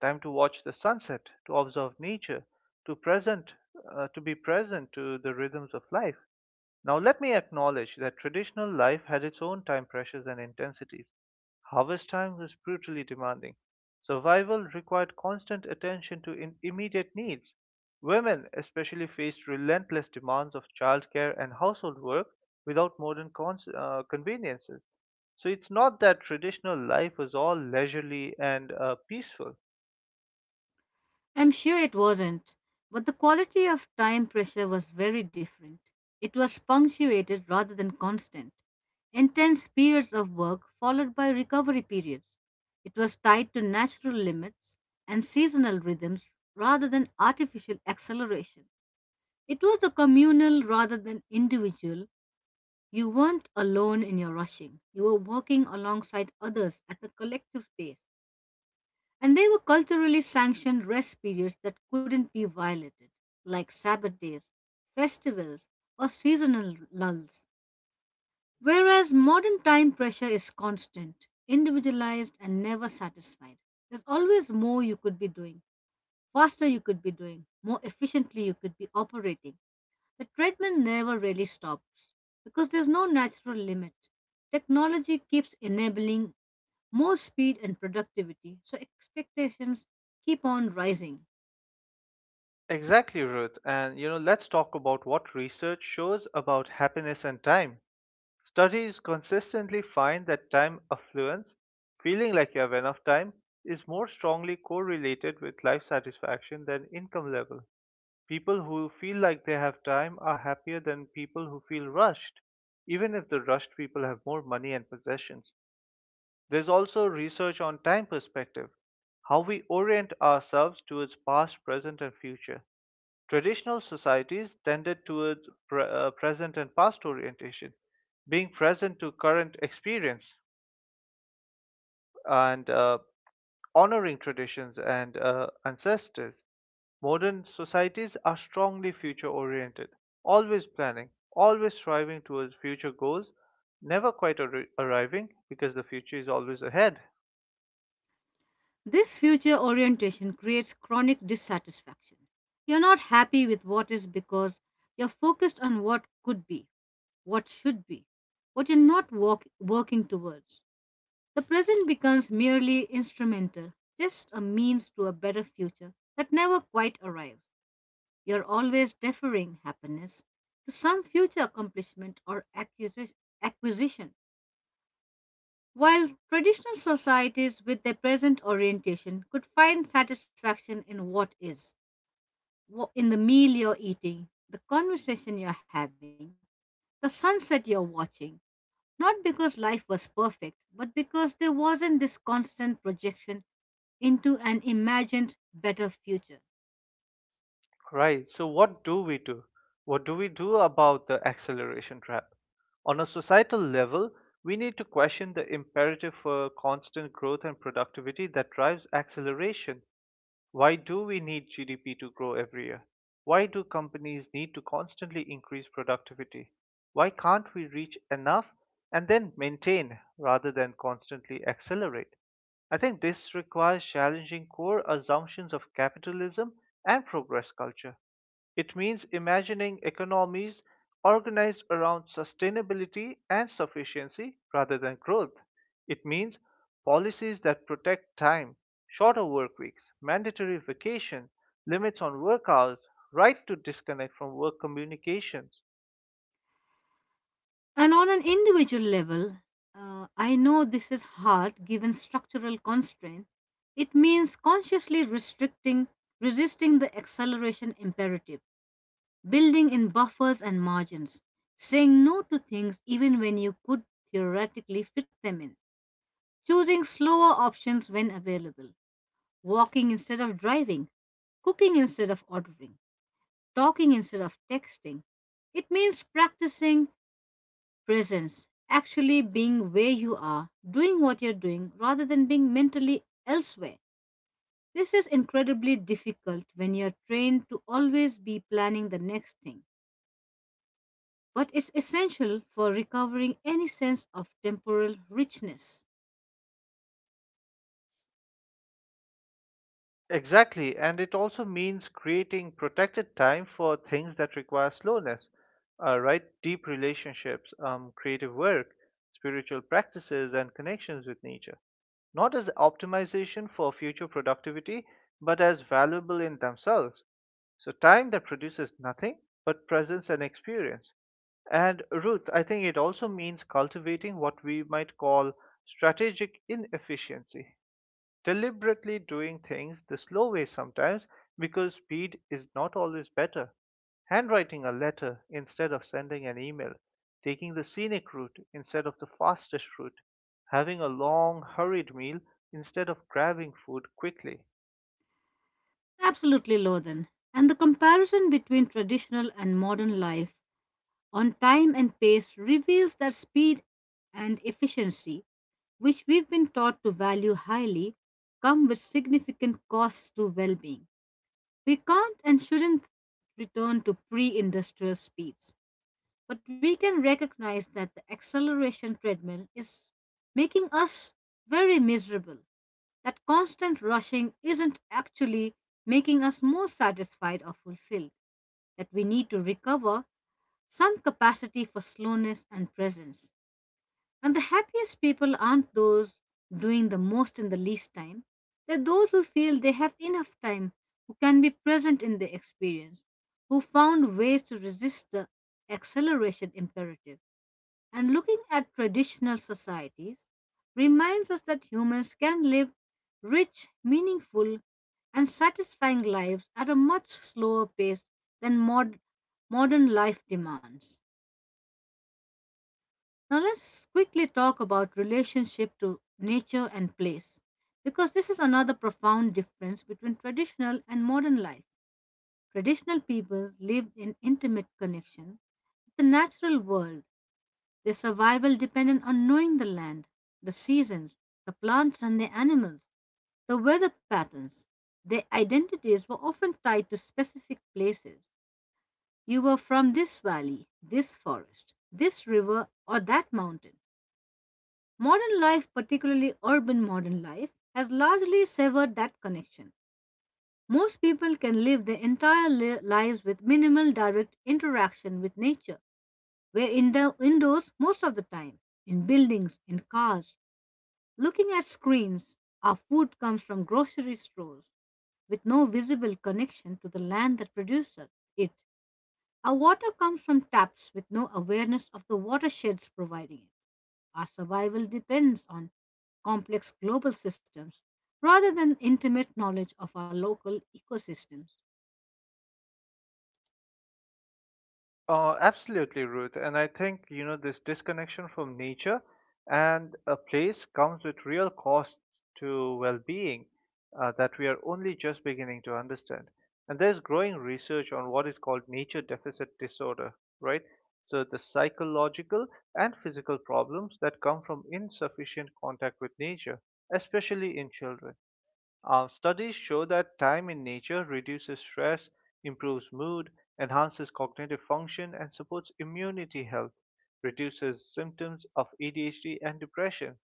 [SPEAKER 2] time to watch the sunset, to observe nature, to present, to be present to the rhythms of life. Now, let me acknowledge that traditional life had its own time pressures and intensities. Harvest time was brutally demanding. Survival required constant attention to immediate needs. Women, especially, faced relentless demands of childcare and household work without modern conveniences. So, it's not that traditional life was all leisurely and peaceful.
[SPEAKER 1] I'm sure it wasn't, but the quality of time pressure was very different. It was punctuated rather than constant. Intense periods of work followed by recovery periods. It was tied to natural limits and seasonal rhythms rather than artificial acceleration. It was a communal rather than individual. You weren't alone in your rushing. You were working alongside others at a collective pace. And there were culturally sanctioned rest periods that couldn't be violated, like Sabbath days, festivals, or seasonal lulls. Whereas modern time pressure is constant, individualized, and never satisfied. There's always more you could be doing, faster you could be doing, more efficiently you could be operating. The treadmill never really stops because there's no natural limit. Technology keeps enabling more speed and productivity, so expectations keep on rising.
[SPEAKER 2] Exactly, Ruth. And you know, let's talk about what research shows about happiness and time. Studies consistently find that time affluence, feeling like you have enough time, is more strongly correlated with life satisfaction than income level. People who feel like they have time are happier than people who feel rushed, even if the rushed people have more money and possessions. There's also research on time perspective, how we orient ourselves towards past, present, and future. Traditional societies tended towards present and past orientation, being present to current experience and honoring traditions and ancestors. Modern societies are strongly future oriented, always planning, always striving towards future goals, never quite arriving because the future is always ahead.
[SPEAKER 1] This future orientation creates chronic dissatisfaction. You're not happy with what is because you're focused on what could be, what should be, what you're not working towards. The present becomes merely instrumental, just a means to a better future that never quite arrives. You're always deferring happiness to some future accomplishment or acquisition. While traditional societies, with their present orientation, could find satisfaction in what is, in the meal you're eating, the conversation you're having, the sunset you're watching, not because life was perfect, but because there wasn't this constant projection into an imagined better future.
[SPEAKER 2] Right. So, what do we do? What do we do about the acceleration trap? On a societal level, we need to question the imperative for constant growth and productivity that drives acceleration. Why do we need GDP to grow every year? Why do companies need to constantly increase productivity? Why can't we reach enough and then maintain rather than constantly accelerate? I think this requires challenging core assumptions of capitalism and progress culture. It means imagining economies organized around sustainability and sufficiency rather than growth. It means policies that protect time, shorter work weeks, mandatory vacation, limits on work hours, right to disconnect from work communications.
[SPEAKER 1] And on an individual level, I know this is hard given structural constraint. It means consciously restricting, resisting the acceleration imperative, building in buffers and margins, saying no to things even when you could theoretically fit them in, choosing slower options when available, walking instead of driving, cooking instead of ordering, talking instead of texting. It means practicing presence. Actually being where you are, doing what you're doing, rather than being mentally elsewhere. This is incredibly difficult when you're trained to always be planning the next thing, but it's essential for recovering any sense of temporal richness.
[SPEAKER 2] Exactly, and it also means creating protected time for things that require slowness, right? Deep relationships, creative work, spiritual practices, and connections with nature, not as optimization for future productivity, but as valuable in themselves. So, time that produces nothing but presence and experience. And Ruth, I think it also means cultivating what we might call strategic inefficiency, deliberately doing things the slow way sometimes because speed is not always better. Handwriting a letter instead of sending an email, taking the scenic route instead of the fastest route, having a long, hurried meal instead of grabbing food quickly.
[SPEAKER 1] Absolutely, Lothan. And the comparison between traditional and modern life on time and pace reveals their speed and efficiency, which we've been taught to value highly, come with significant costs to well being. We can't and shouldn't return to pre industrial speeds. But we can recognize that the acceleration treadmill is making us very miserable. That constant rushing isn't actually making us more satisfied or fulfilled. That we need to recover some capacity for slowness and presence. And the happiest people aren't those doing the most in the least time. They're those who feel they have enough time, who can be present in the experience, who found ways to resist the acceleration imperative. And looking at traditional societies reminds us that humans can live rich, meaningful, and satisfying lives at a much slower pace than modern life demands. Now, let's quickly talk about relationship to nature and place because this is another profound difference between traditional and modern life. Traditional peoples lived in intimate connection with the natural world. Their survival depended on knowing the land, the seasons, the plants and the animals, the weather patterns. Their identities were often tied to specific places. You were from this valley, this forest, this river, or that mountain. Modern life, particularly urban modern life, has largely severed that connection. Most people can live their entire lives with minimal direct interaction with nature. We're indoors most of the time, in buildings, in cars, looking at screens. Our food comes from grocery stores with no visible connection to the land that produces it. Our water comes from taps with no awareness of the watersheds providing it. Our survival depends on complex global systems rather than intimate knowledge of our local ecosystems.
[SPEAKER 2] Absolutely, Ruth. And I think, you know, this disconnection from nature and a place comes with real costs to well being, that we are only just beginning to understand. And there's growing research on what is called nature deficit disorder, right? So, the psychological and physical problems that come from insufficient contact with nature, especially in children. Studies show that time in nature reduces stress, improves mood, enhances cognitive function, and supports immunity health, reduces symptoms of ADHD and depression.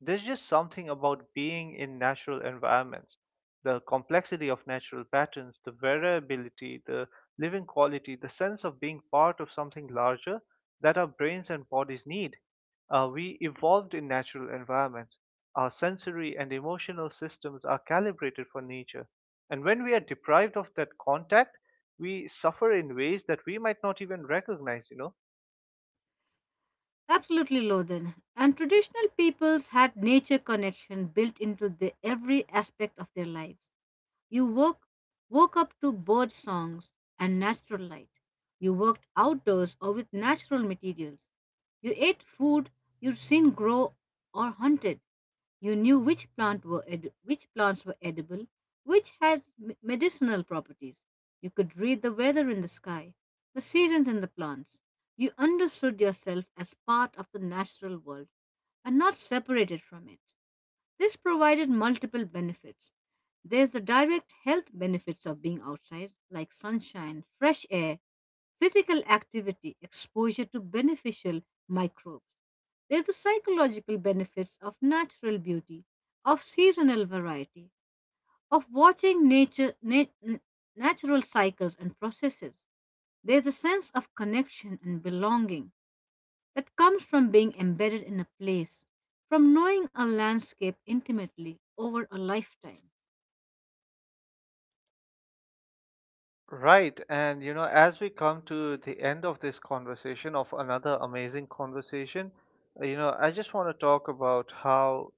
[SPEAKER 2] There's just something about being in natural environments. The complexity of natural patterns, the variability, the living quality, the sense of being part of something larger that our brains and bodies need. We evolved in natural environments. Our sensory and emotional systems are calibrated for nature. And when we are deprived of that contact, we suffer in ways that we might not even recognize, you know.
[SPEAKER 1] Absolutely, Lothan. And traditional peoples had nature connection built into the every aspect of their lives. You woke up to bird songs and natural light. You worked outdoors or with natural materials. You ate food you'd seen grow or hunted. You knew which plants were edible, which had medicinal properties. You could read the weather in the sky, the seasons in the plants. You understood yourself as part of the natural world and not separated from it. This provided multiple benefits. There's the direct health benefits of being outside, like sunshine, fresh air, physical activity, exposure to beneficial microbes. There's the psychological benefits of natural beauty, of seasonal variety, of watching natural cycles and processes. There's a sense of connection and belonging that comes from being embedded in a place, from knowing a landscape intimately over a lifetime.
[SPEAKER 2] Right. And, you know, as we come to the end of this conversation, of another amazing conversation, you know, I just want to talk about how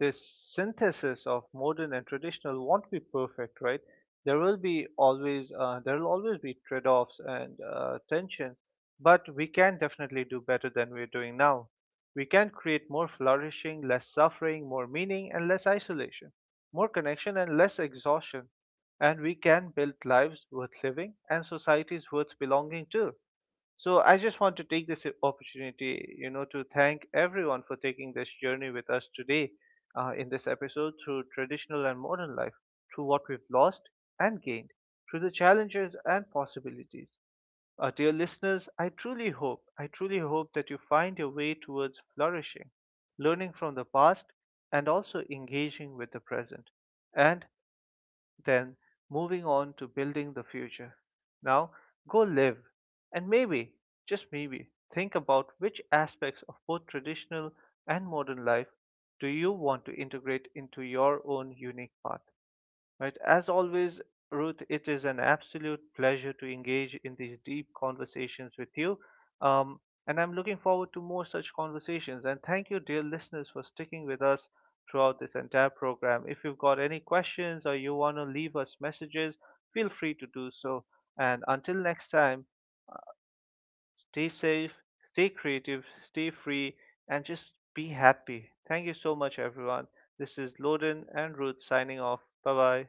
[SPEAKER 2] this synthesis of modern and traditional won't be perfect, right? There will be always, there will always be trade offs and tensions, but we can definitely do better than we're doing now. We can create more flourishing, less suffering, more meaning, and less isolation, more connection and less exhaustion, and we can build lives worth living and societies worth belonging to. So I just want to take this opportunity, you know, to thank everyone for taking this journey with us today, in this episode through traditional and modern life, through what we've lost and gained, through the challenges and possibilities. Dear listeners, I truly hope that you find your way towards flourishing, learning from the past, and also engaging with the present, and then moving on to building the future. Now, go live, and maybe, just maybe, think about which aspects of both traditional and modern life do you want to integrate into your own unique path. Right. As always, Ruth, it is an absolute pleasure to engage in these deep conversations with you. Um, and I'm looking forward to more such conversations. And thank you, dear listeners, for sticking with us throughout this entire program. If you've got any questions or you want to leave us messages, feel free to do so. And until next time, stay safe, stay creative, stay free, and just be happy. Thank you so much, everyone. This is Loden and Ruth signing off. Bye bye.